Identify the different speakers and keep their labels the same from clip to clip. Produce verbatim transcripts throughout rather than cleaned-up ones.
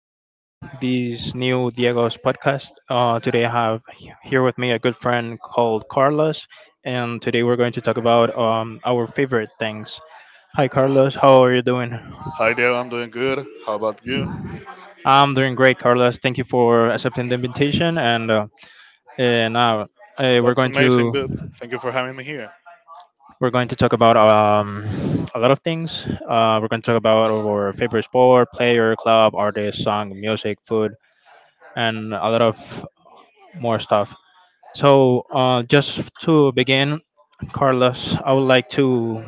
Speaker 1: to this new Diego's podcast. Uh, today, I have he- here with me a good friend called Carlos, and today we're going to talk about um, our favorite things. Hi, Carlos. How are you doing?
Speaker 2: Hi there, I'm doing good. How about you?
Speaker 1: I'm doing great, Carlos. Thank you for accepting the invitation, and uh, eh, now uh, we're
Speaker 2: That's
Speaker 1: going
Speaker 2: amazing, dude.
Speaker 1: to
Speaker 2: Thank you for having me here.
Speaker 1: we're going to talk about um, a lot of things. Uh, we're going to talk about our favorite sport, player, club, artist, song, music, food, and a lot of more stuff. So, uh, just to begin, Carlos, I would like to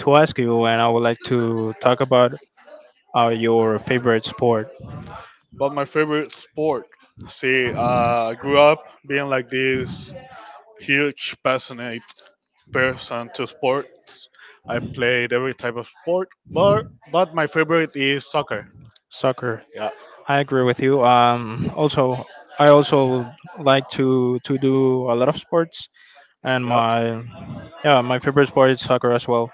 Speaker 1: to ask you, and I would like to talk about uh, your favorite sport,
Speaker 2: But my favorite sport. See, uh, I grew up being like this huge, passionate person to sports. I played every type of sport, but but my favorite is soccer.
Speaker 1: soccer.
Speaker 2: Yeah,
Speaker 1: I agree with you. Um, also, I also like to to do a lot of sports, and
Speaker 2: yeah.
Speaker 1: my yeah, my favorite sport is soccer as well.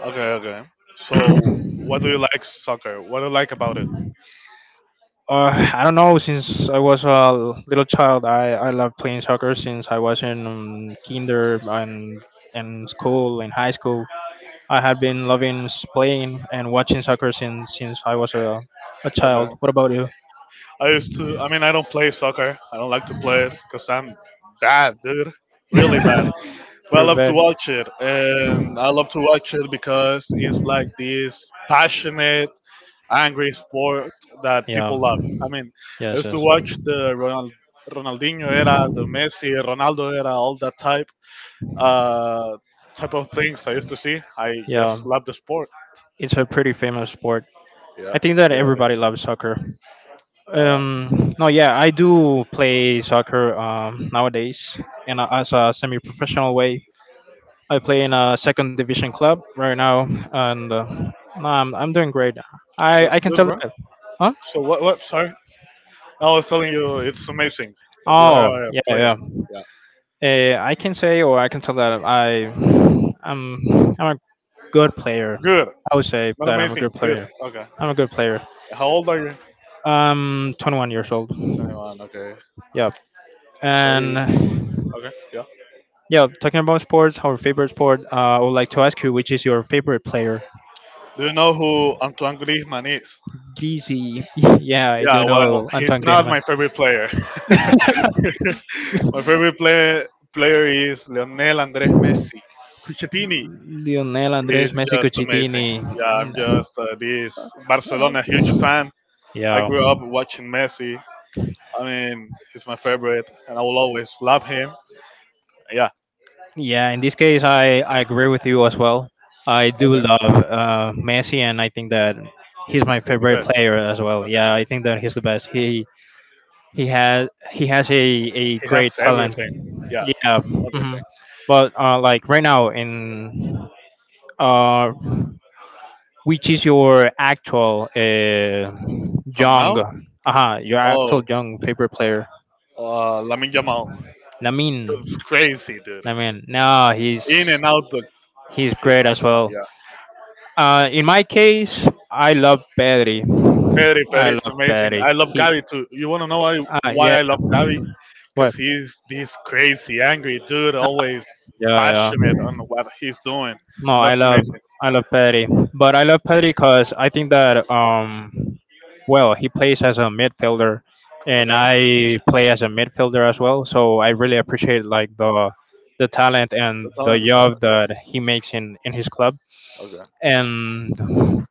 Speaker 2: Okay, okay. So, what do you like soccer? What do you like about it?
Speaker 1: Uh, I don't know. Since I was a little child, I I love playing soccer since I was in um, kinder and in school, in high school I have been loving playing and watching soccer since since I was a, a
Speaker 2: Okay.
Speaker 1: child. What about you?
Speaker 2: I used to. I mean, I don't play soccer. I don't like to play it because I'm bad, dude. Really bad. But I
Speaker 1: You're
Speaker 2: love to
Speaker 1: bad.
Speaker 2: watch it, and I love to watch it because it's like this passionate, angry sport that
Speaker 1: Yeah.
Speaker 2: people love. I mean, I
Speaker 1: Yes.
Speaker 2: used to
Speaker 1: Yes.
Speaker 2: watch the Ronald, Ronaldinho era, the Messi, Ronaldo era, all that type, uh, type of things I used to see. I
Speaker 1: Yeah.
Speaker 2: just love the sport.
Speaker 1: It's a pretty famous sport.
Speaker 2: Yeah,
Speaker 1: I think that
Speaker 2: yeah, it is.
Speaker 1: everybody loves soccer.
Speaker 2: Yeah.
Speaker 1: Um, no, Yeah, I do play soccer um, nowadays, and uh, as a semi-professional way. I play in a second division club right now, and uh, no, I'm I'm doing great. I I
Speaker 2: That's
Speaker 1: can
Speaker 2: good,
Speaker 1: tell
Speaker 2: bro.
Speaker 1: that. Huh?
Speaker 2: So what? What? Sorry. I was telling you, it's amazing that you
Speaker 1: Oh,
Speaker 2: are a
Speaker 1: yeah, yeah.
Speaker 2: player. Yeah.
Speaker 1: Uh, I can say or I can tell that I I'm I'm a good player.
Speaker 2: Good.
Speaker 1: I would say
Speaker 2: Not
Speaker 1: that I'm a good
Speaker 2: amazing. Good.
Speaker 1: player.
Speaker 2: Okay.
Speaker 1: I'm a good player.
Speaker 2: How old are you?
Speaker 1: I'm twenty-one years old.
Speaker 2: twenty-one. Okay.
Speaker 1: Yep.
Speaker 2: So
Speaker 1: And
Speaker 2: you. Okay. Yeah.
Speaker 1: yeah, Talking about sports, our favorite sport. Uh, I would like to ask you, which is your favorite player?
Speaker 2: Do you know who Antoine Griezmann is?
Speaker 1: Greasy. Yeah, I
Speaker 2: Yeah.
Speaker 1: do
Speaker 2: Well,
Speaker 1: know
Speaker 2: he's
Speaker 1: Anton
Speaker 2: not
Speaker 1: Griezmann.
Speaker 2: my favorite player. My favorite play, player is Lionel Andres Messi. Cucchettini
Speaker 1: Lionel Andres
Speaker 2: is
Speaker 1: Messi
Speaker 2: just
Speaker 1: Cucitini.
Speaker 2: amazing. Yeah. I'm
Speaker 1: Mm,
Speaker 2: just uh, this Barcelona huge fan. I
Speaker 1: yeah.
Speaker 2: grew up watching Messi. I mean, he's my favorite, and I will always love him. Yeah.
Speaker 1: Yeah, in this case, I, I agree with you as well. I do
Speaker 2: Okay.
Speaker 1: love uh, Messi, and I think that he's my
Speaker 2: He's the
Speaker 1: favorite
Speaker 2: best.
Speaker 1: player as well.
Speaker 2: Okay.
Speaker 1: Yeah, I
Speaker 2: Okay.
Speaker 1: think that he's the best. He he has he has a, a
Speaker 2: He
Speaker 1: great
Speaker 2: has
Speaker 1: talent.
Speaker 2: everything. Yeah.
Speaker 1: Yeah, hmm,
Speaker 2: Everything.
Speaker 1: but uh, like right now in uh, which is your actual uh,
Speaker 2: From
Speaker 1: young
Speaker 2: now,
Speaker 1: uh your actual
Speaker 2: oh,
Speaker 1: young favorite player?
Speaker 2: uh, Lamin Jamal.
Speaker 1: Lamin,
Speaker 2: That's crazy, dude.
Speaker 1: Lamin. No,
Speaker 2: In
Speaker 1: he's
Speaker 2: and out the
Speaker 1: he's
Speaker 2: pitch.
Speaker 1: great as
Speaker 2: you know,
Speaker 1: well.
Speaker 2: Yeah.
Speaker 1: Uh, in my case, I love Pedri.
Speaker 2: Perry, Perry,
Speaker 1: I
Speaker 2: it's
Speaker 1: love
Speaker 2: amazing.
Speaker 1: Pedri.
Speaker 2: I love
Speaker 1: He,
Speaker 2: Gabby too. You wanna know why?
Speaker 1: uh,
Speaker 2: Why
Speaker 1: yeah.
Speaker 2: I love Gabby? Cause
Speaker 1: What?
Speaker 2: he's this crazy, angry dude, always
Speaker 1: Yeah, yeah.
Speaker 2: passionate on what he's doing,
Speaker 1: No,
Speaker 2: and
Speaker 1: I
Speaker 2: that's
Speaker 1: love
Speaker 2: amazing.
Speaker 1: I love Pedri, but I love Pedri because I think that um, well, he plays as a midfielder, and
Speaker 2: Okay.
Speaker 1: I play as a midfielder as well. So I really appreciate like the the talent and
Speaker 2: The
Speaker 1: the
Speaker 2: talent.
Speaker 1: job that he makes in in his club.
Speaker 2: Okay.
Speaker 1: And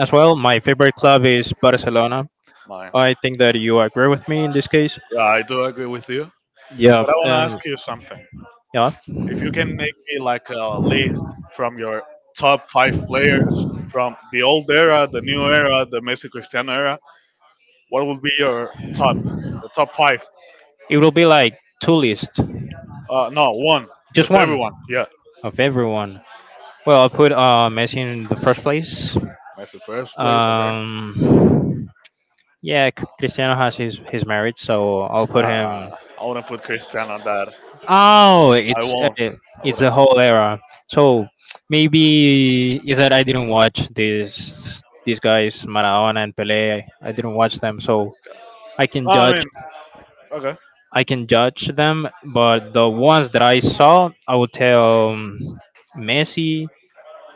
Speaker 1: as well, my favorite club is Barcelona.
Speaker 2: Mine.
Speaker 1: I think that you agree with me in this case.
Speaker 2: Yeah, I do agree with you.
Speaker 1: Yeah,
Speaker 2: But I want to ask
Speaker 1: and
Speaker 2: you something.
Speaker 1: yeah,
Speaker 2: If you can make me like a list from your top five players from the old era, the new era, the Messi Cristiano era, what would be your top, the top five?
Speaker 1: it will be like two lists,
Speaker 2: Uh, no, one
Speaker 1: just
Speaker 2: with
Speaker 1: one
Speaker 2: everyone. Yeah,
Speaker 1: of everyone. Well, I'll put uh, Messi in the first place.
Speaker 2: Messi first place. Okay.
Speaker 1: Um, yeah, C- Cristiano has his, his marriage, so I'll put him.
Speaker 2: Uh, I wouldn't put Cristiano on that.
Speaker 1: Oh,
Speaker 2: I
Speaker 1: it's
Speaker 2: won't.
Speaker 1: uh,
Speaker 2: I
Speaker 1: it's
Speaker 2: wouldn't.
Speaker 1: a whole era. So maybe is that I didn't watch these these guys Maradona and Pele. I didn't watch them, so I can
Speaker 2: No, I
Speaker 1: judge.
Speaker 2: mean, okay.
Speaker 1: I can judge them, but the ones that I saw, I would tell um, Messi,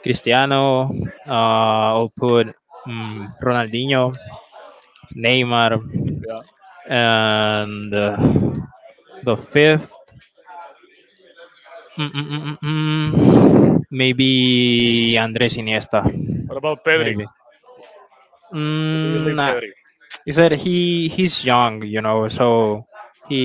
Speaker 1: Cristiano. Uh, I'll put um, Ronaldinho, Neymar,
Speaker 2: Yeah.
Speaker 1: and uh, the fifth. Mm, mm, mm, mm, mm. Maybe Andres Iniesta.
Speaker 2: What about Pedri?
Speaker 1: Maybe.
Speaker 2: What do you
Speaker 1: Mm,
Speaker 2: leave
Speaker 1: nah,
Speaker 2: Pedri?
Speaker 1: he said he he's young, you know. So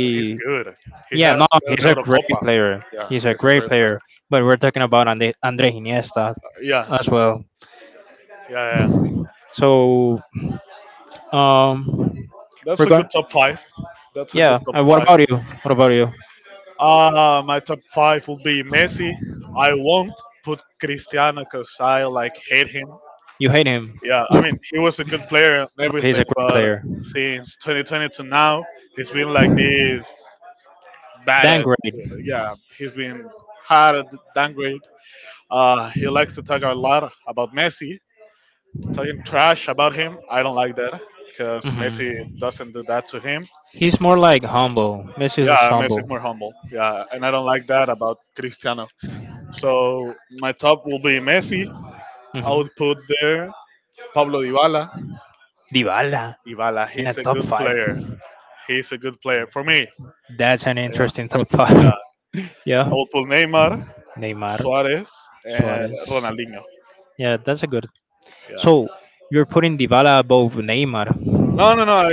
Speaker 2: But he's good. He
Speaker 1: yeah, no,
Speaker 2: has an
Speaker 1: he's a great
Speaker 2: Eurocopa.
Speaker 1: player.
Speaker 2: Yeah,
Speaker 1: He's a
Speaker 2: he's a
Speaker 1: great
Speaker 2: great
Speaker 1: player.
Speaker 2: player.
Speaker 1: But we're talking about Andre Andre Iniesta
Speaker 2: Uh, Yeah,
Speaker 1: as well.
Speaker 2: yeah, yeah. Yeah.
Speaker 1: So um,
Speaker 2: That's
Speaker 1: we're
Speaker 2: a good
Speaker 1: going.
Speaker 2: top five. That's a good
Speaker 1: Yeah.
Speaker 2: top
Speaker 1: And what
Speaker 2: five.
Speaker 1: about you? What about you?
Speaker 2: Uh, my top five will be Messi. I won't put Cristiano because I like hate him.
Speaker 1: You hate him?
Speaker 2: Yeah, I mean he was a good player and
Speaker 1: No, he's
Speaker 2: everything,
Speaker 1: a great
Speaker 2: but
Speaker 1: player.
Speaker 2: since twenty twenty to now, he's been like this
Speaker 1: Then
Speaker 2: badass.
Speaker 1: great.
Speaker 2: Yeah, he's been hard downgrade. Uh, he likes to talk a lot about Messi, talking trash about him. I don't like that because
Speaker 1: Hmm.
Speaker 2: Messi doesn't do that to him.
Speaker 1: He's more like humble. Messi is
Speaker 2: Yeah, Messi is
Speaker 1: humble.
Speaker 2: more humble. Yeah, and I don't like that about Cristiano. So my top will be Messi. I
Speaker 1: Hmm.
Speaker 2: would put there Pablo Dybala.
Speaker 1: Dybala
Speaker 2: Dybala,
Speaker 1: in a
Speaker 2: he's a
Speaker 1: top
Speaker 2: good
Speaker 1: five.
Speaker 2: player. He's a good player for me.
Speaker 1: That's an
Speaker 2: I don't know.
Speaker 1: interesting top
Speaker 2: Yeah,
Speaker 1: five.
Speaker 2: I
Speaker 1: Yeah.
Speaker 2: would put Neymar,
Speaker 1: Neymar,
Speaker 2: Suarez, and
Speaker 1: Suarez.
Speaker 2: Ronaldinho.
Speaker 1: Yeah, that's a good.
Speaker 2: Yeah.
Speaker 1: So you're putting Dybala above Neymar.
Speaker 2: No, no, no. I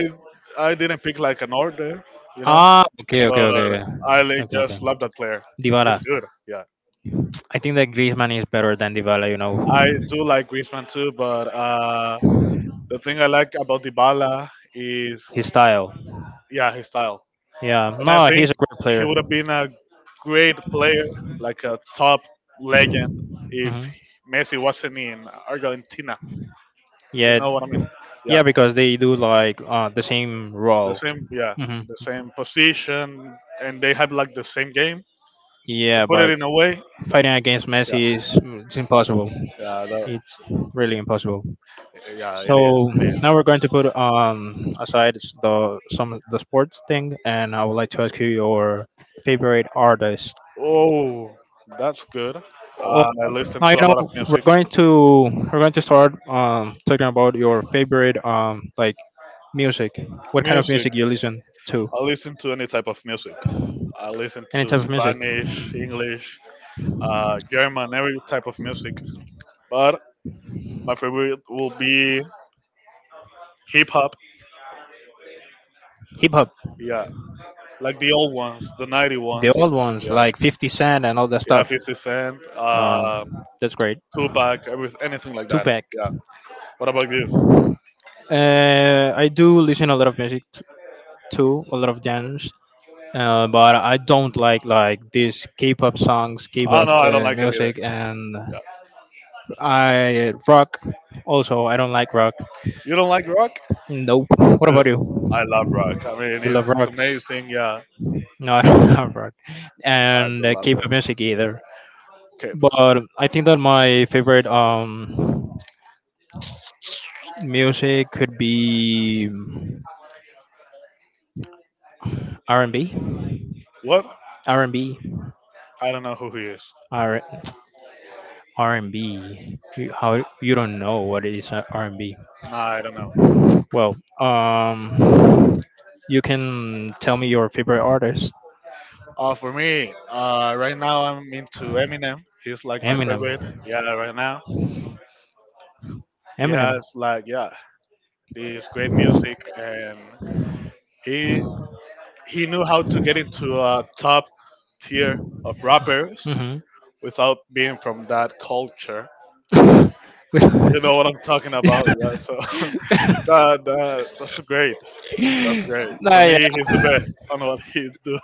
Speaker 2: I didn't pick like an order, you know.
Speaker 1: Ah, okay, okay,
Speaker 2: But
Speaker 1: okay,
Speaker 2: I
Speaker 1: okay,
Speaker 2: like,
Speaker 1: okay, okay.
Speaker 2: just love that player.
Speaker 1: Dybala.
Speaker 2: He's good. Yeah.
Speaker 1: I think that Griezmann is better than Dybala. You know,
Speaker 2: I do like Griezmann too, but uh, the thing I like about Dybala is
Speaker 1: his style.
Speaker 2: yeah, his style.
Speaker 1: Yeah.
Speaker 2: And I
Speaker 1: No,
Speaker 2: think
Speaker 1: he's a great
Speaker 2: he
Speaker 1: player.
Speaker 2: would have been a great player, like a top legend, if
Speaker 1: Hmm.
Speaker 2: Messi wasn't in Argentina. You
Speaker 1: Yeah,
Speaker 2: know what I mean?
Speaker 1: d- yeah,
Speaker 2: Yeah,
Speaker 1: because they do like uh, the same
Speaker 2: the
Speaker 1: role.
Speaker 2: same. Yeah,
Speaker 1: Hmm.
Speaker 2: the same position, and they have like the same game. To
Speaker 1: Yeah,
Speaker 2: put it
Speaker 1: but
Speaker 2: in a way,
Speaker 1: fighting against
Speaker 2: yeah,
Speaker 1: Messi is mm, it's impossible.
Speaker 2: yeah, that,
Speaker 1: It's really impossible.
Speaker 2: yeah.
Speaker 1: So
Speaker 2: It is. It is.
Speaker 1: now we're going to put um aside s- the some the sports thing, and I would like to ask you your favorite artist.
Speaker 2: Oh, that's good. Uh,
Speaker 1: Oh,
Speaker 2: I listen
Speaker 1: now you
Speaker 2: to a
Speaker 1: know
Speaker 2: lot of
Speaker 1: we're
Speaker 2: music.
Speaker 1: going to we're going to start um talking about your favorite um like music. What kind of
Speaker 2: Music.
Speaker 1: music you listen to?
Speaker 2: I listen to any type of music. I listen
Speaker 1: Any
Speaker 2: to
Speaker 1: type of music?
Speaker 2: Spanish, English, uh, German, every type of music. But my favorite will be hip hop.
Speaker 1: Hip hop.
Speaker 2: Yeah, like the old ones, the ninety
Speaker 1: The
Speaker 2: ones.
Speaker 1: old ones,
Speaker 2: Yeah,
Speaker 1: like fifty Cent and all that
Speaker 2: yeah,
Speaker 1: stuff.
Speaker 2: 50 Cent, uh,
Speaker 1: Um, that's great.
Speaker 2: Tupac, every, anything like that.
Speaker 1: Tupac.
Speaker 2: Yeah. What about you?
Speaker 1: Uh, I do listen a lot of music t- too, a lot of genres. Uh, but I don't like like these K-pop songs,
Speaker 2: Oh
Speaker 1: K-pop
Speaker 2: no, I don't
Speaker 1: uh,
Speaker 2: like it either.
Speaker 1: music, and
Speaker 2: Yeah.
Speaker 1: I rock. Also, I don't like rock.
Speaker 2: You don't like rock,
Speaker 1: Nope. What
Speaker 2: dude?
Speaker 1: about
Speaker 2: I
Speaker 1: you?
Speaker 2: love rock. I mean,
Speaker 1: You love
Speaker 2: it's
Speaker 1: rock?
Speaker 2: amazing. Yeah,
Speaker 1: No, I don't love rock,
Speaker 2: I do
Speaker 1: and uh,
Speaker 2: love them.
Speaker 1: K-pop music either.
Speaker 2: Okay,
Speaker 1: But I think that my favorite um music could be. R and B, R and B
Speaker 2: what?
Speaker 1: R and B,
Speaker 2: I don't know who he is.
Speaker 1: R and B, R R and b You, how you don't know what it is uh, R and B?
Speaker 2: Nah, I don't know.
Speaker 1: Well, um, you can tell me your favorite artist,
Speaker 2: Uh, for me, uh, right now I'm into Eminem. He's like my
Speaker 1: Eminem.
Speaker 2: favorite. Yeah, right now. He
Speaker 1: Eminem.
Speaker 2: has like, yeah, this great music, and he he knew how to get into a top tier of rappers
Speaker 1: Mm-hmm.
Speaker 2: without being from that culture. You know what I'm talking about? Yeah, so that, that that's great that's great for
Speaker 1: nah,
Speaker 2: me. He's the best on what he do.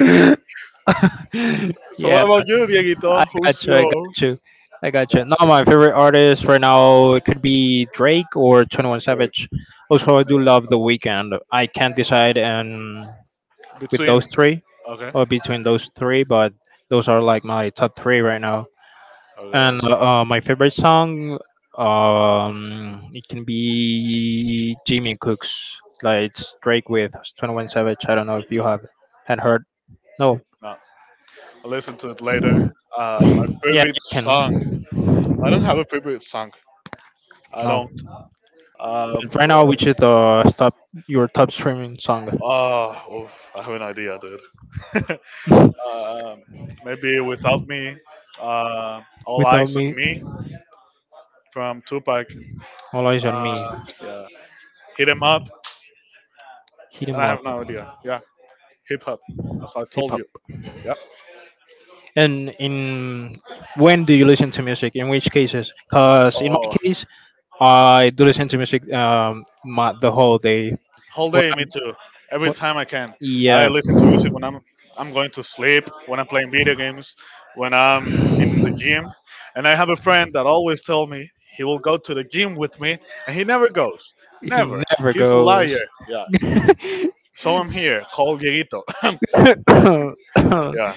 Speaker 1: yeah.
Speaker 2: So what
Speaker 1: Yeah,
Speaker 2: about you,
Speaker 1: I
Speaker 2: Dieguito? Who's
Speaker 1: got you. I
Speaker 2: your
Speaker 1: got you. I got you. Now
Speaker 2: yeah,
Speaker 1: my favorite artist right now it could be Drake or Twenty One
Speaker 2: great.
Speaker 1: Savage. Also, I do
Speaker 2: Anyone's
Speaker 1: love The
Speaker 2: favorite
Speaker 1: Weekend. I can't decide, and with those
Speaker 2: between.
Speaker 1: three,
Speaker 2: Okay,
Speaker 1: or between those three, but those are like my top three right now.
Speaker 2: okay,
Speaker 1: And
Speaker 2: okay.
Speaker 1: uh, uh, My favorite song, um, it can be Jimmy Cook's, like it's Drake with Twenty One Savage. I don't know if you have had heard. No.
Speaker 2: No, I'll listen to it later. Uh, my
Speaker 1: Yeah,
Speaker 2: favorite
Speaker 1: you can.
Speaker 2: song. I don't have a favorite song. I
Speaker 1: No.
Speaker 2: don't. Uh,
Speaker 1: But right now, which is the stop your top streaming song?
Speaker 2: uh, uh, I have an idea, dude. uh, maybe without me, uh, all eyes
Speaker 1: Without
Speaker 2: on
Speaker 1: me,
Speaker 2: me from Tupac.
Speaker 1: all eyes on
Speaker 2: Uh,
Speaker 1: me.
Speaker 2: yeah, hit him up.
Speaker 1: Hit
Speaker 2: And
Speaker 1: 'em
Speaker 2: I
Speaker 1: up,
Speaker 2: have no idea. Yeah, hip hop, as I
Speaker 1: hip
Speaker 2: told
Speaker 1: hop.
Speaker 2: you. Yeah.
Speaker 1: And in When do you listen to music? In which cases? Cause in my
Speaker 2: Oh.
Speaker 1: case, I do listen to music um my, the whole day.
Speaker 2: Whole
Speaker 1: When
Speaker 2: day, me
Speaker 1: I'm,
Speaker 2: too. Every
Speaker 1: when,
Speaker 2: time I can, I
Speaker 1: yeah,
Speaker 2: listen to music when I'm I'm going to sleep, when I'm playing video games, when I'm in the gym, and I have a friend that always tell me he will go to the gym with me, and he never goes.
Speaker 1: he
Speaker 2: Never.
Speaker 1: never
Speaker 2: He's a
Speaker 1: goes.
Speaker 2: liar. Yeah. So I'm here. Call Dieguito.
Speaker 1: All.
Speaker 2: Yeah.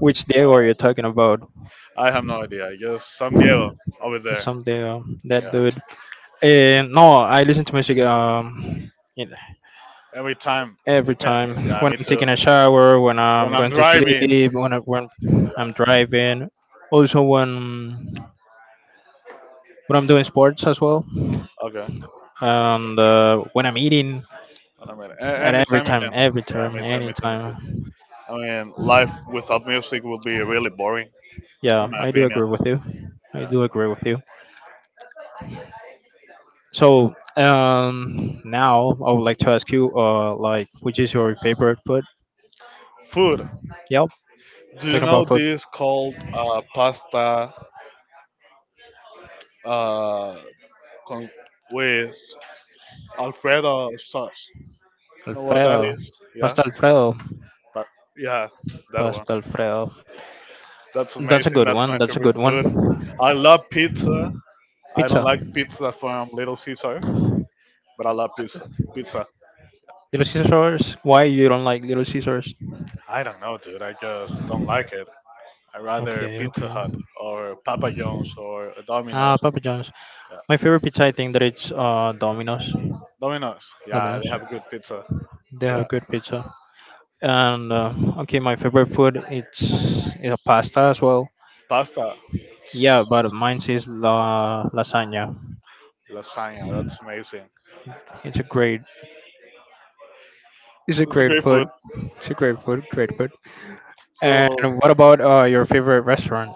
Speaker 1: Which Diego
Speaker 2: Uh,
Speaker 1: are you talking about?
Speaker 2: I have no idea. Just San Diego over there.
Speaker 1: Some Diego, that
Speaker 2: Yeah.
Speaker 1: dude. And no, I listen to music um in-
Speaker 2: Every time
Speaker 1: every
Speaker 2: you can.
Speaker 1: time
Speaker 2: Yeah,
Speaker 1: when
Speaker 2: me
Speaker 1: I'm
Speaker 2: too.
Speaker 1: taking a shower, when I'm
Speaker 2: When I'm
Speaker 1: going to
Speaker 2: driving.
Speaker 1: sleep, when I, when I'm driving, also when when I'm doing sports as well,
Speaker 2: Okay.
Speaker 1: and uh, when I'm eating.
Speaker 2: Wait a minute. A-
Speaker 1: At every
Speaker 2: anytime you
Speaker 1: time,
Speaker 2: can.
Speaker 1: every
Speaker 2: Yeah,
Speaker 1: time,
Speaker 2: me too, me too, me too.
Speaker 1: anytime.
Speaker 2: I mean, life without music would be really boring,
Speaker 1: Yeah,
Speaker 2: in my
Speaker 1: I do
Speaker 2: opinion.
Speaker 1: agree with you. I
Speaker 2: Yeah.
Speaker 1: do agree with you. So um now I would like to ask you uh like which is your favorite food?
Speaker 2: Food.
Speaker 1: Yep.
Speaker 2: Do you
Speaker 1: Talking
Speaker 2: know
Speaker 1: about food,
Speaker 2: this called uh, pasta uh, con- with Alfredo sauce? You know what that
Speaker 1: Alfredo,
Speaker 2: is? Yeah.
Speaker 1: pasta Alfredo,
Speaker 2: But yeah, that one.
Speaker 1: pasta Alfredo.
Speaker 2: That's
Speaker 1: That's a
Speaker 2: amazing.
Speaker 1: good
Speaker 2: That's
Speaker 1: one.
Speaker 2: my
Speaker 1: That's a
Speaker 2: favorite
Speaker 1: good
Speaker 2: food.
Speaker 1: one.
Speaker 2: I love pizza. I
Speaker 1: Pizza,
Speaker 2: don't like pizza from Little Caesars,
Speaker 1: Little
Speaker 2: but I love pizza. Pizza.
Speaker 1: Caesars. Why you don't like Little Caesars?
Speaker 2: I don't know, dude. I just don't like it. I rather
Speaker 1: Okay,
Speaker 2: Pizza
Speaker 1: okay.
Speaker 2: Hut or Papa John's or
Speaker 1: Ah,
Speaker 2: Domino's.
Speaker 1: Papa John's.
Speaker 2: Yeah,
Speaker 1: My favorite pizza, I think that it's uh Domino's.
Speaker 2: Domino's. Yeah, they
Speaker 1: Domino's.
Speaker 2: have good pizza.
Speaker 1: They
Speaker 2: Yeah,
Speaker 1: have good pizza. And uh, okay, my favorite food it's is a pasta as well.
Speaker 2: pasta,
Speaker 1: Yeah, but mine is la lasagna.
Speaker 2: lasagna. That's amazing.
Speaker 1: It's a great. It's a
Speaker 2: It's a
Speaker 1: great
Speaker 2: great
Speaker 1: food.
Speaker 2: food.
Speaker 1: It's a great food. Great food. And
Speaker 2: So
Speaker 1: what about uh, your favorite restaurant?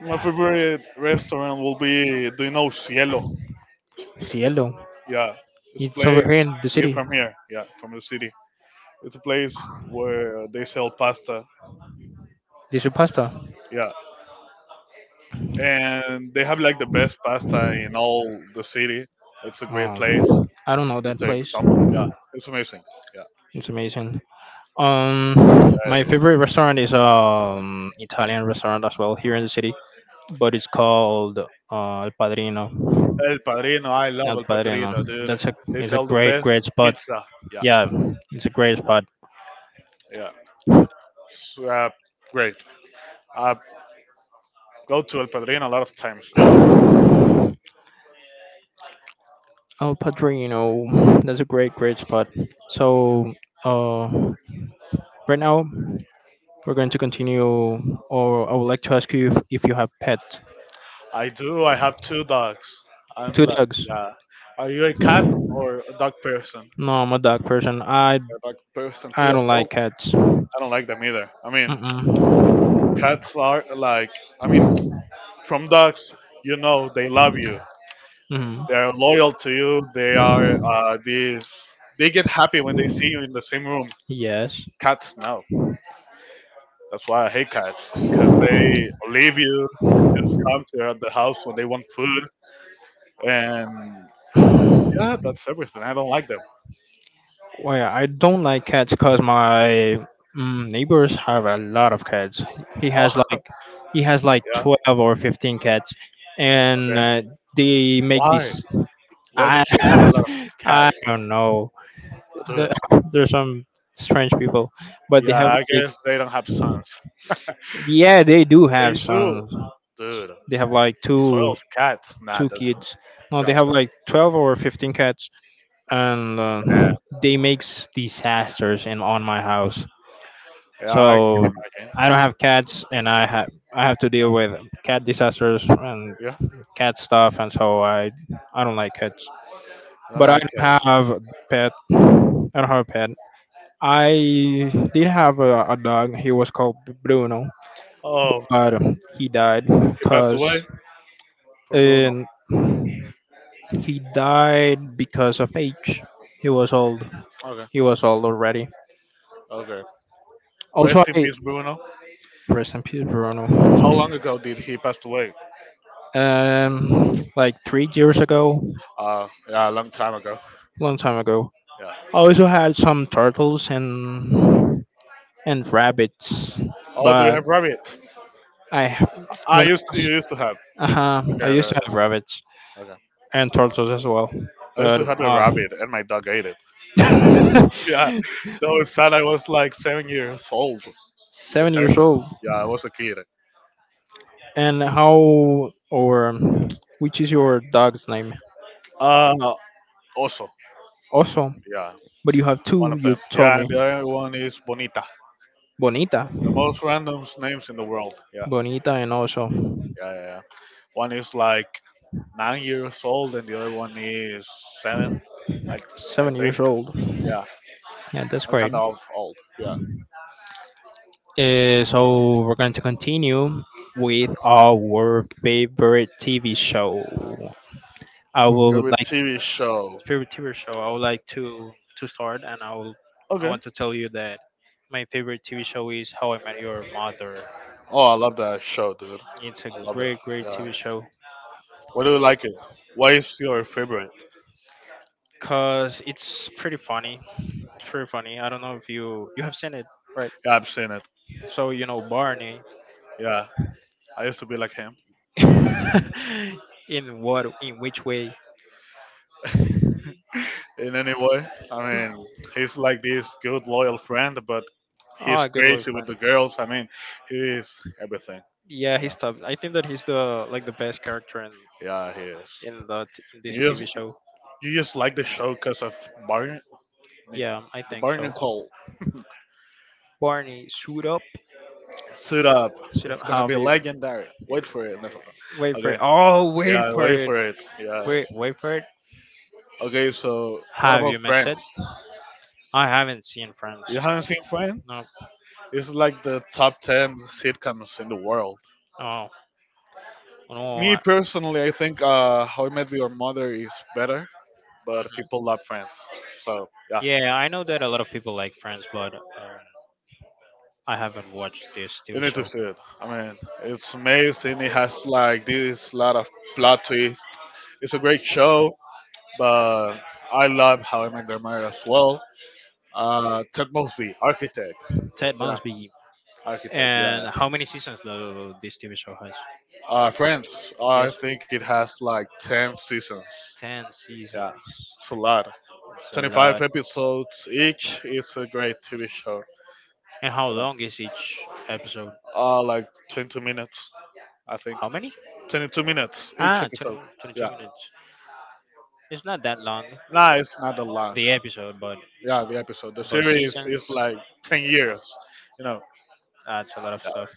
Speaker 2: my favorite restaurant will be. Do you know Cielo?
Speaker 1: Cielo.
Speaker 2: Yeah, it's a
Speaker 1: It's over
Speaker 2: place.
Speaker 1: here in the
Speaker 2: Yeah,
Speaker 1: city.
Speaker 2: from here. Yeah, from the city. It's a place where they sell pasta.
Speaker 1: They do pasta.
Speaker 2: Yeah, and they have like the best pasta in all the city. It's a great place
Speaker 1: Um, I don't know
Speaker 2: to
Speaker 1: that
Speaker 2: take
Speaker 1: place.
Speaker 2: someone. Yeah, it's amazing. Yeah,
Speaker 1: It's amazing. Um,
Speaker 2: yeah
Speaker 1: my
Speaker 2: it is.
Speaker 1: favorite restaurant is um Italian restaurant as well here in the city, but it's called uh, El Padrino.
Speaker 2: El Padrino, I
Speaker 1: El
Speaker 2: love El
Speaker 1: Padrino.
Speaker 2: Padrino, dude.
Speaker 1: That's a
Speaker 2: They
Speaker 1: it's a
Speaker 2: sell the
Speaker 1: great, great
Speaker 2: best
Speaker 1: spot.
Speaker 2: pizza. Yeah,
Speaker 1: Yeah, it's a great spot.
Speaker 2: yeah. S- Uh, Great. I go to El Padrino a lot of times, dude.
Speaker 1: Oh, Padrino, that's a great, great spot. So, uh, right now we're going to continue, or I would like to ask you if, if you have pets.
Speaker 2: I do. I have two dogs. I'm
Speaker 1: Two
Speaker 2: like,
Speaker 1: dogs.
Speaker 2: yeah. Are you a cat or a dog person?
Speaker 1: No, I'm a dog person. I
Speaker 2: A dog person
Speaker 1: I
Speaker 2: too, as
Speaker 1: don't
Speaker 2: well.
Speaker 1: like cats.
Speaker 2: I don't like them either. I mean,
Speaker 1: Mm-mm.
Speaker 2: cats are like, I mean, from dogs, you know, they love you.
Speaker 1: Mm-mm.
Speaker 2: They are loyal to you. They are uh, these. They get happy when they see you in the same room.
Speaker 1: Yes.
Speaker 2: Cats, no. That's why I hate cats because they leave you, come to the house when they want food, and yeah, that's everything. I don't like them.
Speaker 1: Well, yeah, I don't like cats because my mm, neighbors have a lot of cats. He has
Speaker 2: Oh,
Speaker 1: like he has like
Speaker 2: yeah,
Speaker 1: twelve or fifteen cats, and
Speaker 2: okay.
Speaker 1: uh, they make
Speaker 2: Why?
Speaker 1: this.
Speaker 2: Why
Speaker 1: I
Speaker 2: does she have a lot of
Speaker 1: I
Speaker 2: cats,
Speaker 1: don't know.
Speaker 2: dude?
Speaker 1: The, there's some strange people, but they
Speaker 2: Yeah,
Speaker 1: have
Speaker 2: I
Speaker 1: like
Speaker 2: guess they don't have sons.
Speaker 1: yeah, they do have
Speaker 2: They do,
Speaker 1: some.
Speaker 2: dude.
Speaker 1: They have like two
Speaker 2: Twelve cats? Nah,
Speaker 1: two
Speaker 2: that's god
Speaker 1: kids. No, they
Speaker 2: damn.
Speaker 1: have like twelve or fifteen cats, and uh,
Speaker 2: Yeah,
Speaker 1: they makes disasters in on my house.
Speaker 2: yeah, I
Speaker 1: So
Speaker 2: can imagine.
Speaker 1: I don't have cats, and I have I have to deal with cat disasters and
Speaker 2: Yeah,
Speaker 1: cat stuff, and so I I don't like cats.
Speaker 2: I don't
Speaker 1: But I
Speaker 2: like
Speaker 1: don't
Speaker 2: cats.
Speaker 1: have a pet. I don't have a pet. I did have a, a dog. He was called Bruno,
Speaker 2: Oh,
Speaker 1: but he died
Speaker 2: he passed
Speaker 1: because
Speaker 2: away for Bruno.
Speaker 1: and he died because of age. He was old.
Speaker 2: Okay,
Speaker 1: He was old already.
Speaker 2: okay.
Speaker 1: Also,
Speaker 2: Rest in
Speaker 1: I
Speaker 2: peace, Bruno.
Speaker 1: rest in peace,
Speaker 2: How
Speaker 1: Bruno.
Speaker 2: long ago did he pass away?
Speaker 1: Um, like three years ago,
Speaker 2: Uh, yeah, a long time ago.
Speaker 1: long time ago.
Speaker 2: Yeah.
Speaker 1: I also had some turtles and and rabbits,
Speaker 2: Oh, do you have
Speaker 1: but
Speaker 2: rabbit?
Speaker 1: I
Speaker 2: Ah, I
Speaker 1: when I
Speaker 2: used to,
Speaker 1: was,
Speaker 2: you used to have.
Speaker 1: uh, I
Speaker 2: Okay, okay,
Speaker 1: used to
Speaker 2: okay.
Speaker 1: have rabbits
Speaker 2: Okay.
Speaker 1: and turtles as well,
Speaker 2: I used
Speaker 1: but
Speaker 2: to have a
Speaker 1: uh,
Speaker 2: rabbit, and my dog ate it. Yeah, that was sad. I was like seven years old. It
Speaker 1: seven
Speaker 2: hurt
Speaker 1: years
Speaker 2: me.
Speaker 1: old.
Speaker 2: Yeah, I was a kid.
Speaker 1: And how or um, which is your dog's name?
Speaker 2: Uh, Also,
Speaker 1: Also,
Speaker 2: yeah,
Speaker 1: but you have
Speaker 2: one
Speaker 1: two.
Speaker 2: of
Speaker 1: You
Speaker 2: them.
Speaker 1: told
Speaker 2: Yeah,
Speaker 1: me
Speaker 2: and the other one is Bonita.
Speaker 1: Bonita,
Speaker 2: The most random names in the world. Yeah,
Speaker 1: Bonita, and also
Speaker 2: yeah, yeah. Yeah. One is like nine years old, and the other one is seven. I, I
Speaker 1: seven
Speaker 2: think.
Speaker 1: years old.
Speaker 2: Yeah,
Speaker 1: Yeah, that's
Speaker 2: I'm
Speaker 1: great.
Speaker 2: kind of old. Yeah.
Speaker 1: Uh, so we're going to continue with our favorite T V show. I would
Speaker 2: Kirby
Speaker 1: like
Speaker 2: T V show.
Speaker 1: favorite T V show. I would like to to start, and I will. I
Speaker 2: Okay.
Speaker 1: want to tell you that my favorite T V show is How I Met Your Mother.
Speaker 2: Oh, I love that show, dude.
Speaker 1: It's a
Speaker 2: I love it.
Speaker 1: great, great
Speaker 2: Yeah.
Speaker 1: T V show
Speaker 2: Why do you like it? Why is your favorite?
Speaker 1: because it's pretty funny. It's pretty funny. I don't know if you you have seen it, right?
Speaker 2: Yeah, I've seen it.
Speaker 1: So you know Barney.
Speaker 2: Yeah. I used to be like him
Speaker 1: In what? In which way?
Speaker 2: in any way. I mean, he's like this good, loyal friend, but he's
Speaker 1: Oh, good lord,
Speaker 2: crazy with
Speaker 1: friend.
Speaker 2: the girls. I mean, he is everything,
Speaker 1: Yeah,
Speaker 2: you
Speaker 1: he's
Speaker 2: know.
Speaker 1: top. I think that he's the like the best character in
Speaker 2: Yeah, he is.
Speaker 1: in that in this
Speaker 2: You just,
Speaker 1: T V show.
Speaker 2: you just like the show because of Barney.
Speaker 1: Yeah, I
Speaker 2: The
Speaker 1: think
Speaker 2: Barney
Speaker 1: so.
Speaker 2: Cole
Speaker 1: Barney, suit up,
Speaker 2: Suit up.
Speaker 1: suit up.
Speaker 2: It's going to
Speaker 1: How
Speaker 2: be
Speaker 1: have you?
Speaker 2: legendary. Wait for it. Nephilim.
Speaker 1: Wait for it. Oh, wait
Speaker 2: Yeah,
Speaker 1: for
Speaker 2: wait
Speaker 1: it.
Speaker 2: for it. Yeah.
Speaker 1: Wait, wait for it.
Speaker 2: Okay, so what
Speaker 1: Have
Speaker 2: about
Speaker 1: you met Ted?
Speaker 2: Friends?
Speaker 1: I haven't seen Friends.
Speaker 2: You haven't seen Friends?
Speaker 1: No.
Speaker 2: It's like the top ten sitcoms in the world.
Speaker 1: Oh no.
Speaker 2: Me
Speaker 1: I-
Speaker 2: personally, I think uh, How I Met Your Mother is better, but
Speaker 1: mhm.
Speaker 2: people love Friends. So, yeah,
Speaker 1: Yeah, I know that a lot of people like Friends, but um, I haven't watched this
Speaker 2: you
Speaker 1: T V
Speaker 2: need to
Speaker 1: show.
Speaker 2: see it. I mean, it's amazing. It has like this lot of plot twists. It's a great show, but I love How I Met Your Mother as well. Uh, Ted Mosby, Architect.
Speaker 1: Ted
Speaker 2: Yeah,
Speaker 1: Mosby.
Speaker 2: Architect,
Speaker 1: And
Speaker 2: yeah.
Speaker 1: how many seasons though this T V show has?
Speaker 2: Uh, Friends, I
Speaker 1: Yes,
Speaker 2: think it has like ten seasons.
Speaker 1: ten
Speaker 2: Yeah,
Speaker 1: seasons.
Speaker 2: it's a lot.
Speaker 1: It's a
Speaker 2: twenty-five
Speaker 1: lot.
Speaker 2: episodes each. It's a great T V show.
Speaker 1: And how
Speaker 2: You know,
Speaker 1: long is each episode?
Speaker 2: uh, like twenty minutes, I think.
Speaker 1: How many?
Speaker 2: twenty-two minutes each
Speaker 1: Ah, twenty,
Speaker 2: episode.
Speaker 1: twenty-two
Speaker 2: Yeah.
Speaker 1: minutes. It's not that long,
Speaker 2: Nah, it's not a lot.
Speaker 1: the episode, but
Speaker 2: Yeah, the episode. The
Speaker 1: about
Speaker 2: series
Speaker 1: seasons,
Speaker 2: is like ten years, you know.
Speaker 1: that's a lot of stuff.
Speaker 2: Yeah.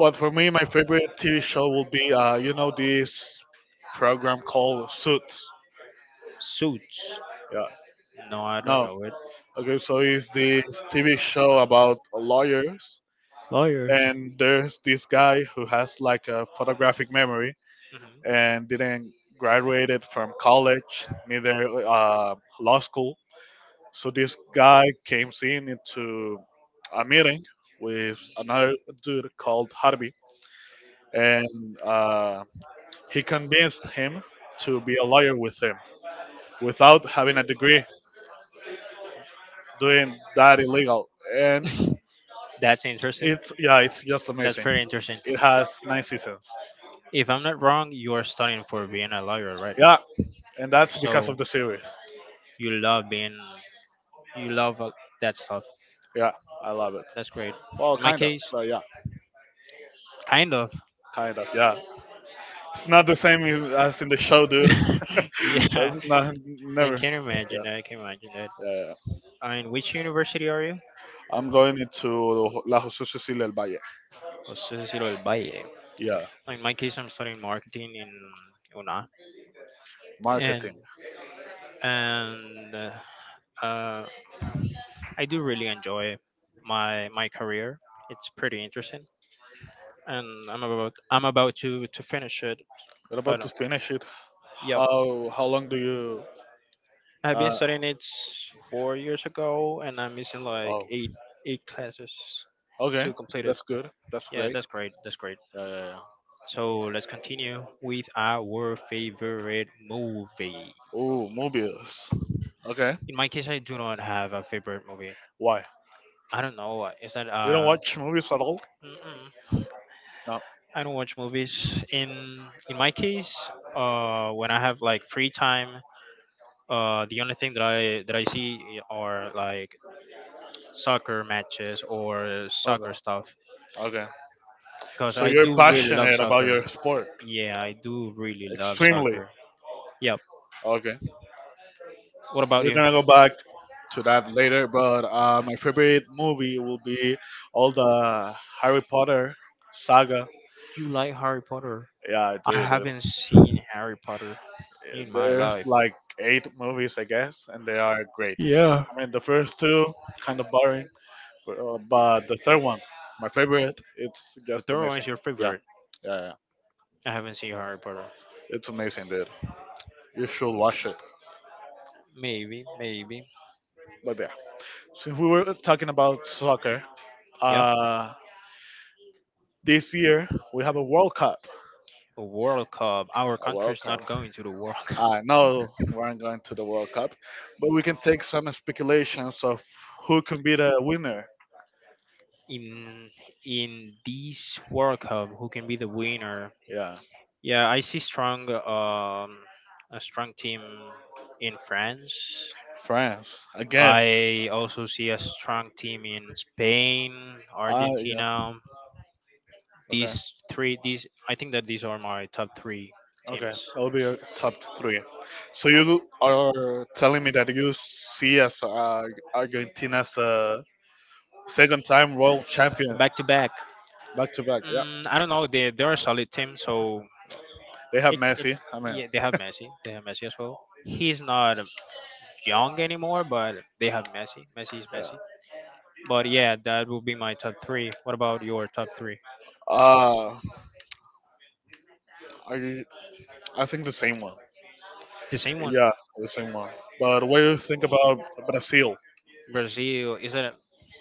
Speaker 2: But for me, my favorite T V show will be, uh, you know, this program called Suits.
Speaker 1: Suits.
Speaker 2: Yeah.
Speaker 1: No, I don't
Speaker 2: No,
Speaker 1: know it.
Speaker 2: okay, so it's this T V show about lawyers,
Speaker 1: Lawyers.
Speaker 2: and there's this guy who has like a photographic memory
Speaker 1: Mhm.
Speaker 2: and didn't graduated from college, neither uh, law school. So this guy came in into a meeting with another dude called Harvey, and uh, he convinced him to be a lawyer with him without having a degree, doing that illegal. And
Speaker 1: That's interesting.
Speaker 2: it's, yeah, it's just
Speaker 1: That's
Speaker 2: amazing.
Speaker 1: pretty interesting.
Speaker 2: It has nine seasons.
Speaker 1: If I'm not wrong, you are studying for being a lawyer, right?
Speaker 2: Yeah, and that's because of
Speaker 1: So
Speaker 2: the series.
Speaker 1: you love being, you love uh, that stuff.
Speaker 2: Yeah, I love it.
Speaker 1: That's great.
Speaker 2: Well,
Speaker 1: In my
Speaker 2: kind of,
Speaker 1: case,
Speaker 2: but yeah,
Speaker 1: kind of.
Speaker 2: kind of, yeah. It's not the same as as in the show, dude.
Speaker 1: Yeah,
Speaker 2: That's not
Speaker 1: and
Speaker 2: never.
Speaker 1: can you imagine
Speaker 2: Yeah,
Speaker 1: that? I can imagine that.
Speaker 2: yeah, yeah.
Speaker 1: I mean, which university are you?
Speaker 2: I'm going into La José Cecilia del Valle.
Speaker 1: Cicero del Valle.
Speaker 2: Yeah,
Speaker 1: In my case, I'm studying marketing in UNA, and
Speaker 2: marketing.
Speaker 1: and uh, I do really enjoy my my career. It's pretty interesting. And I'm about I'm about to to finish it.
Speaker 2: We're
Speaker 1: But
Speaker 2: about
Speaker 1: uh,
Speaker 2: to finish it.
Speaker 1: yep,
Speaker 2: How how long do you?
Speaker 1: I've been
Speaker 2: Uh
Speaker 1: studying it s- four years ago, and I'm missing like
Speaker 2: oh.
Speaker 1: eight eight classes
Speaker 2: Okay,
Speaker 1: to complete it.
Speaker 2: that's good. That's
Speaker 1: Yeah,
Speaker 2: great.
Speaker 1: that's great. That's great.
Speaker 2: Yeah, yeah, yeah.
Speaker 1: So let's continue with our favorite movie.
Speaker 2: Ooh, movies. Okay.
Speaker 1: In my case, I do not have a favorite movie.
Speaker 2: Why?
Speaker 1: I don't know. uh, Is that
Speaker 2: You don't
Speaker 1: uh?
Speaker 2: watch movies at all?
Speaker 1: Mm-mm.
Speaker 2: No.
Speaker 1: I don't watch movies. In in my case, uh, when I have like free time, uh, the only thing that I that I see are like soccer matches or
Speaker 2: Okay.
Speaker 1: soccer stuff
Speaker 2: Okay.
Speaker 1: because
Speaker 2: So
Speaker 1: I
Speaker 2: you're
Speaker 1: do really love
Speaker 2: passionate about
Speaker 1: soccer.
Speaker 2: your sport.
Speaker 1: Yeah, I do really love
Speaker 2: Extremely.
Speaker 1: soccer. Yep.
Speaker 2: Okay.
Speaker 1: What about
Speaker 2: We're
Speaker 1: you?
Speaker 2: gonna go back to that later, but uh, my favorite movie will be all the Harry Potter saga.
Speaker 1: You like Harry Potter?
Speaker 2: Yeah,
Speaker 1: I
Speaker 2: dude,
Speaker 1: haven't seen Harry Potter in
Speaker 2: dude.
Speaker 1: my
Speaker 2: There's
Speaker 1: life.
Speaker 2: like eight movies, I guess, and they are great.
Speaker 1: Yeah.
Speaker 2: I mean, the first two kind of boring, but, uh, but the third one, my favorite, it's
Speaker 1: The
Speaker 2: just
Speaker 1: third one
Speaker 2: amazing.
Speaker 1: is your
Speaker 2: Yeah,
Speaker 1: favorite.
Speaker 2: yeah, yeah.
Speaker 1: I haven't seen Harry Potter.
Speaker 2: It's amazing, dude. You should watch it.
Speaker 1: Maybe, maybe.
Speaker 2: But yeah, since we were talking about soccer,
Speaker 1: Yep.
Speaker 2: uh, this year we have a World Cup.
Speaker 1: A World Cup. Our
Speaker 2: A World
Speaker 1: country's
Speaker 2: Cup.
Speaker 1: not going.
Speaker 2: I know we aren't going to the World Cup, but we can take some speculations of who can be the winner. Yeah,
Speaker 1: Yeah, I see strong um a strong team in France.
Speaker 2: France again.
Speaker 1: I also see a strong team in Spain,
Speaker 2: Uh, yeah.
Speaker 1: Argentina.
Speaker 2: Okay.
Speaker 1: These three, these I think that these are my top three
Speaker 2: Okay.
Speaker 1: teams.
Speaker 2: That'll be your top three. So you are telling me that you see as uh, Argentina as a second time world champion
Speaker 1: Back to back.
Speaker 2: back to back. Yeah.
Speaker 1: Mm, I don't know. They they're a solid team. So
Speaker 2: They have
Speaker 1: it,
Speaker 2: Messi. I mean,
Speaker 1: yeah, they have Messi. They have Messi as well. He's not young anymore, but they have Messi. Messi is
Speaker 2: yeah.
Speaker 1: Messi. But yeah, that will be my top three. What about your top three?
Speaker 2: Uh, I I think the same one.
Speaker 1: The same one.
Speaker 2: Yeah, the same one. But what do you think about Brazil?
Speaker 1: Brazil is that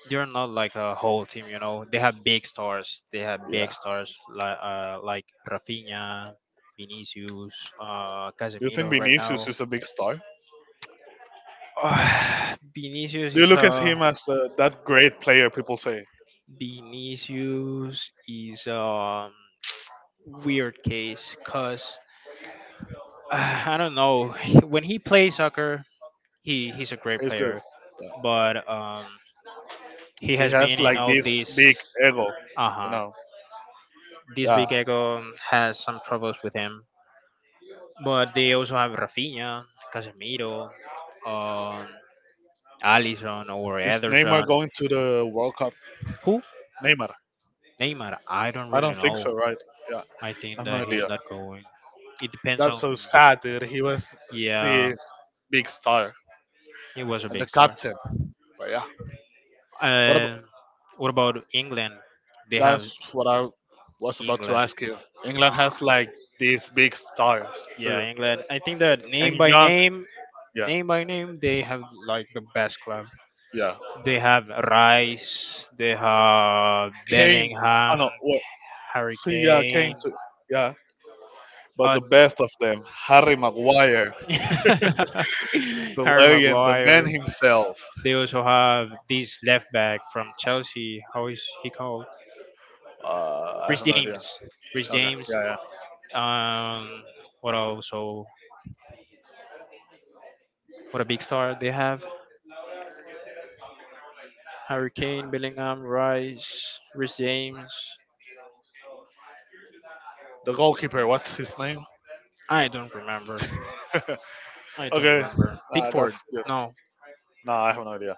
Speaker 1: they're not like a whole team, you know. They have big stars. They have big
Speaker 2: Yeah.
Speaker 1: stars like uh, like Rafinha, Vinicius, uh,
Speaker 2: Do you think
Speaker 1: Casemiro right
Speaker 2: Vinicius
Speaker 1: now.
Speaker 2: is a big star?
Speaker 1: Uh, Vinicius
Speaker 2: Do you
Speaker 1: is
Speaker 2: look at
Speaker 1: uh
Speaker 2: him as uh, that great player people say?
Speaker 1: Vinicius is um weird case because uh, I don't know, when he plays soccer he he's a great
Speaker 2: He's good.
Speaker 1: player,
Speaker 2: Yeah.
Speaker 1: but um he
Speaker 2: He
Speaker 1: has been
Speaker 2: has
Speaker 1: in
Speaker 2: like
Speaker 1: all
Speaker 2: this big
Speaker 1: these.
Speaker 2: ego, you
Speaker 1: Uh-huh.
Speaker 2: know.
Speaker 1: This
Speaker 2: Yeah.
Speaker 1: big ego has some troubles with him. But they also have Rafinha, Casemiro, um, Alisson or
Speaker 2: Is Neymar
Speaker 1: Ederson.
Speaker 2: going to the World Cup?
Speaker 1: Who?
Speaker 2: Neymar?
Speaker 1: Neymar. I don't
Speaker 2: I
Speaker 1: really
Speaker 2: don't think
Speaker 1: know.
Speaker 2: so, right? Yeah.
Speaker 1: I
Speaker 2: I
Speaker 1: think
Speaker 2: have no
Speaker 1: that he's
Speaker 2: idea.
Speaker 1: not going. It depends
Speaker 2: That's
Speaker 1: on.
Speaker 2: so sad, dude. He was
Speaker 1: Yeah,
Speaker 2: this big star
Speaker 1: he was a
Speaker 2: and the
Speaker 1: big star.
Speaker 2: captain. But yeah. What
Speaker 1: Uh, what about England? They have
Speaker 2: That's what I was about to
Speaker 1: England.
Speaker 2: ask you. England has like these big stars
Speaker 1: Yeah,
Speaker 2: too,
Speaker 1: England. I think that name
Speaker 2: and
Speaker 1: by
Speaker 2: young.
Speaker 1: name,
Speaker 2: Yeah,
Speaker 1: name by name, they have like the best club.
Speaker 2: yeah.
Speaker 1: They have Rice, they have
Speaker 2: Kane. I
Speaker 1: Bellingham,
Speaker 2: know. What?
Speaker 1: Harry
Speaker 2: See, yeah, Kane
Speaker 1: Kane,
Speaker 2: too. Yeah, but
Speaker 1: uh,
Speaker 2: the best of them, Harry Maguire, the
Speaker 1: Harry
Speaker 2: legend, the man
Speaker 1: Maguire.
Speaker 2: himself.
Speaker 1: They also have this left back from Chelsea. How is he called?
Speaker 2: Uh, I
Speaker 1: Rich
Speaker 2: have no idea.
Speaker 1: James. Rich
Speaker 2: Okay,
Speaker 1: James.
Speaker 2: yeah, yeah.
Speaker 1: Um, what also? What a big star they have. Harry Kane, Bellingham, Rice, Rich James.
Speaker 2: The goalkeeper. What's his name?
Speaker 1: I don't remember. I don't
Speaker 2: Okay,
Speaker 1: remember.
Speaker 2: uh,
Speaker 1: Pickford.
Speaker 2: that's good.
Speaker 1: No,
Speaker 2: No, I have no idea.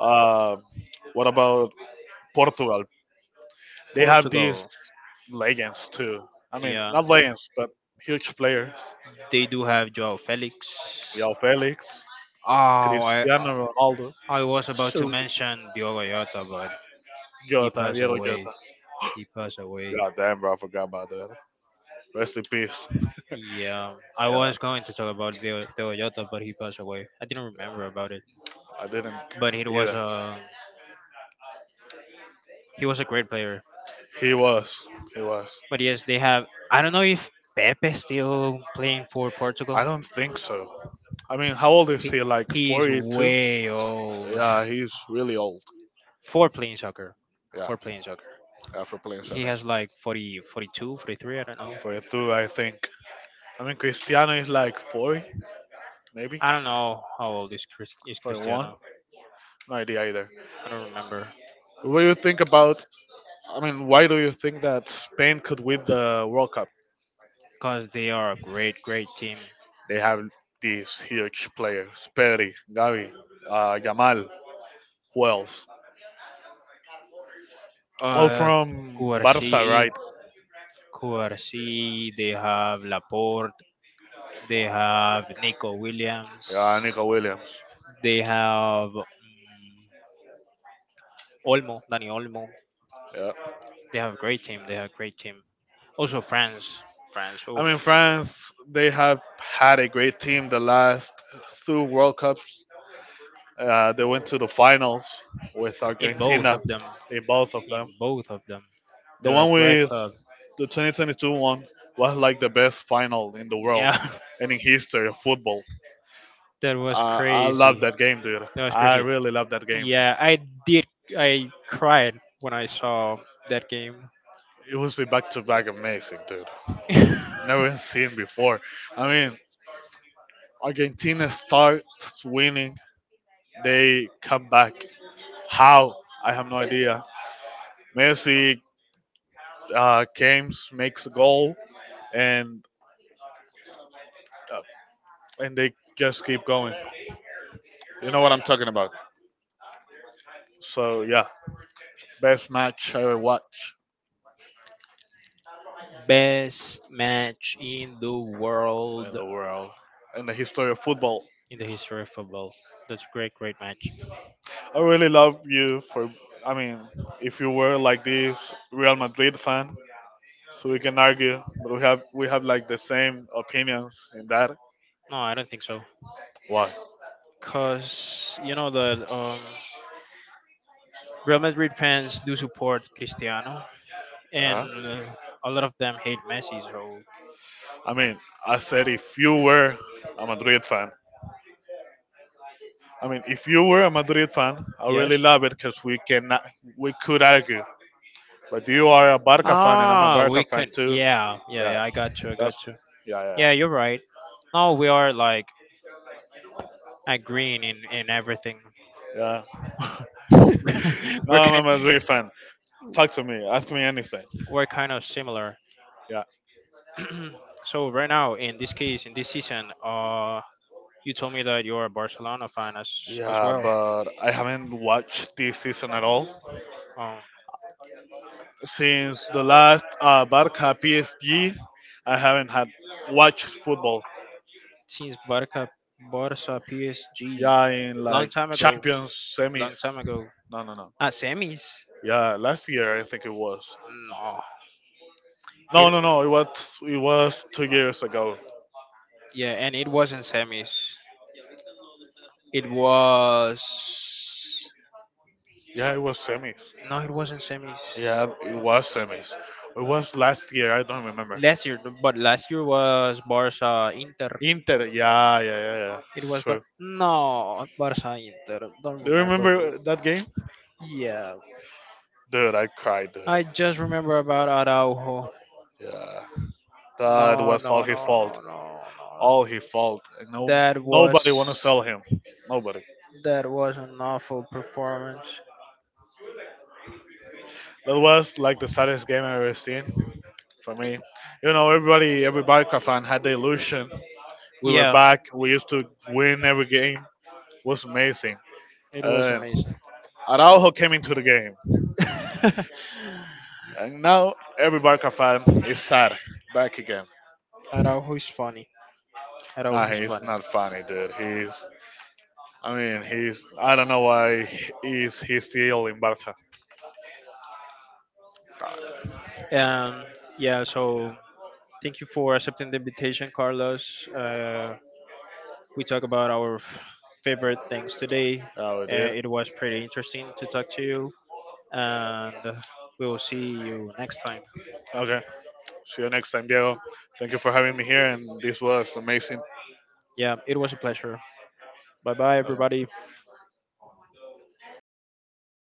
Speaker 2: Um, what about Portugal? They have
Speaker 1: Portugal.
Speaker 2: these legends too. I mean,
Speaker 1: Yeah.
Speaker 2: not legends, but huge players.
Speaker 1: They do have Joao Felix.
Speaker 2: Joao Felix,
Speaker 1: Oh, I
Speaker 2: Cristiano Ronaldo,
Speaker 1: I was about to
Speaker 2: Su
Speaker 1: mention Diogo Jota, but he
Speaker 2: Jota,
Speaker 1: passed
Speaker 2: Diego
Speaker 1: away.
Speaker 2: Jota.
Speaker 1: He passed away.
Speaker 2: God damn, bro, I forgot about that. Rest in peace.
Speaker 1: Yeah, I
Speaker 2: Yeah,
Speaker 1: was going to talk about Dio- Diogo Jota, but he passed away. I didn't remember
Speaker 2: yeah.
Speaker 1: about it,
Speaker 2: I didn't
Speaker 1: but he was
Speaker 2: either.
Speaker 1: a he was a great player.
Speaker 2: He was. He was.
Speaker 1: But yes, they have. I don't know if Pepe still playing for
Speaker 2: I
Speaker 1: Portugal.
Speaker 2: don't think so. I mean, how old is
Speaker 1: He,
Speaker 2: he? Like
Speaker 1: he's
Speaker 2: forty-two?
Speaker 1: way old
Speaker 2: Yeah, he's really old.
Speaker 1: for playing soccer.
Speaker 2: Yeah,
Speaker 1: For playing soccer,
Speaker 2: yeah for playing
Speaker 1: he
Speaker 2: soccer.
Speaker 1: has like forty, forty-two, forty-three, I don't know.
Speaker 2: forty-two, I think. I mean, Cristiano is like forty, maybe?
Speaker 1: I don't know how old is Chris, is
Speaker 2: forty-one?
Speaker 1: Cristiano.
Speaker 2: No idea either.
Speaker 1: I don't remember
Speaker 2: What do you think about? I mean, why do you think that Spain could win the World Cup?
Speaker 1: because they are a great, great team.
Speaker 2: They have these huge players: Pedri, Gavi, uh, Yamal, who else? All
Speaker 1: Uh,
Speaker 2: from
Speaker 1: Q R C,
Speaker 2: Barca, right?
Speaker 1: Q R C. They have Laporte. They have Nico Williams.
Speaker 2: Yeah, Nico Williams.
Speaker 1: They have mm Olmo, Dani Olmo.
Speaker 2: Yeah.
Speaker 1: They have a great team. They have a great team. Also France, France.
Speaker 2: I mean,
Speaker 1: Oof.
Speaker 2: France. They have had a great team the last two World Cups. Uh, they went to the finals with
Speaker 1: In both
Speaker 2: Argentina
Speaker 1: of them,
Speaker 2: in both of them.
Speaker 1: in both of them,
Speaker 2: The
Speaker 1: they're a
Speaker 2: one
Speaker 1: great
Speaker 2: with
Speaker 1: club.
Speaker 2: The twenty twenty-two one was like the best final in the world
Speaker 1: Yeah,
Speaker 2: and in history of football.
Speaker 1: that was
Speaker 2: I, I love
Speaker 1: crazy.
Speaker 2: that game, dude.
Speaker 1: That was
Speaker 2: I
Speaker 1: crazy.
Speaker 2: really love that game.
Speaker 1: Yeah, I did. I cried when I saw that game.
Speaker 2: It was a back to back amazing, dude. Never seen before. I mean, Argentina starts winning, they come back. How? I have no idea. Messi uh, came, makes a goal, and uh, and they just keep going. You know what I'm talking about. So yeah, best match I ever watched.
Speaker 1: Best match in the
Speaker 2: In
Speaker 1: world,
Speaker 2: the world, in the history of football.
Speaker 1: in the history of football. That's a great, great match.
Speaker 2: I really love you for. I mean, if you were like this Real Madrid fan, so we can argue, but we have we have like the same opinions in that.
Speaker 1: No, I don't think so.
Speaker 2: Why?
Speaker 1: Cause you know the um, Real Madrid fans do support Cristiano, and
Speaker 2: Uh-huh.
Speaker 1: uh, a lot of them hate Messi. So
Speaker 2: I mean, I said if you were a Madrid fan. I mean, if you were a Madrid fan, I really
Speaker 1: yes.
Speaker 2: love it because we cannot we could argue. But you are a Barca fan and I'm a
Speaker 1: Ah,
Speaker 2: Barca
Speaker 1: we
Speaker 2: fan
Speaker 1: could.
Speaker 2: too.
Speaker 1: Yeah, yeah,
Speaker 2: Yeah,
Speaker 1: yeah. I got you. I
Speaker 2: that's
Speaker 1: got you.
Speaker 2: yeah yeah
Speaker 1: Yeah, you're right. Now we are like agreeing in in everything.
Speaker 2: yeah. No,
Speaker 1: we're
Speaker 2: I'm a
Speaker 1: kind
Speaker 2: Madrid fan. Talk to me. Ask me anything.
Speaker 1: we're kind of similar.
Speaker 2: Yeah.
Speaker 1: So right now, in this case, in this season, uh, you told me that you're a Barcelona fan as as
Speaker 2: Yeah,
Speaker 1: well.
Speaker 2: but I haven't watched this season at all.
Speaker 1: Um,
Speaker 2: Since the last uh, Barca P S G, I haven't had watched football.
Speaker 1: since Barca, Barca, P S G,
Speaker 2: Yeah, in
Speaker 1: long
Speaker 2: like
Speaker 1: time ago,
Speaker 2: Champions
Speaker 1: long
Speaker 2: semis.
Speaker 1: time ago.
Speaker 2: No, no, no.
Speaker 1: Ah, semis.
Speaker 2: Yeah, last year I think it was.
Speaker 1: No.
Speaker 2: No,
Speaker 1: It,
Speaker 2: no, no. It was it was two years ago.
Speaker 1: yeah, and it wasn't semis. It was
Speaker 2: Yeah, it was semis.
Speaker 1: No, it wasn't semis
Speaker 2: Yeah, it was semis. It was last year. I don't remember.
Speaker 1: last year, but last year was Barca Inter.
Speaker 2: Inter. Yeah, yeah, yeah, yeah.
Speaker 1: It was Bar-
Speaker 2: Sure.
Speaker 1: no Barca Inter. Don't
Speaker 2: Do you
Speaker 1: remember. but-
Speaker 2: remember that game?
Speaker 1: Yeah,
Speaker 2: Dude, I cried, dude.
Speaker 1: I just remember about Araujo.
Speaker 2: Yeah, that
Speaker 1: No,
Speaker 2: was all
Speaker 1: no,
Speaker 2: his
Speaker 1: no,
Speaker 2: fault.
Speaker 1: no, no, no.
Speaker 2: All his fault. And no,
Speaker 1: That
Speaker 2: nobody want to
Speaker 1: was
Speaker 2: sell him. Nobody.
Speaker 1: that was an awful performance.
Speaker 2: That was like the saddest game I've ever seen for me. You know, everybody, every Barca fan had the illusion we were
Speaker 1: Yeah,
Speaker 2: back. We used to win every game. It was amazing.
Speaker 1: it was
Speaker 2: And
Speaker 1: amazing.
Speaker 2: Araujo came into the game, and now every Barca fan is sad. Back again.
Speaker 1: Araujo is funny.
Speaker 2: Nah,
Speaker 1: Araujo is
Speaker 2: he's
Speaker 1: funny.
Speaker 2: not funny, dude. He's. I mean, he's. I don't know why he's. He's still in Barca.
Speaker 1: Um, yeah, so thank you for accepting the invitation, Carlos. Uh, we talk about our f- favorite things today.
Speaker 2: Oh, we
Speaker 1: Uh,
Speaker 2: did.
Speaker 1: it was pretty interesting to talk to you, and we will see you next time.
Speaker 2: Okay. See you next time, Diego. Thank you for having me here, and this was amazing.
Speaker 1: Yeah, it was a pleasure. Bye bye, everybody.
Speaker 2: Okay.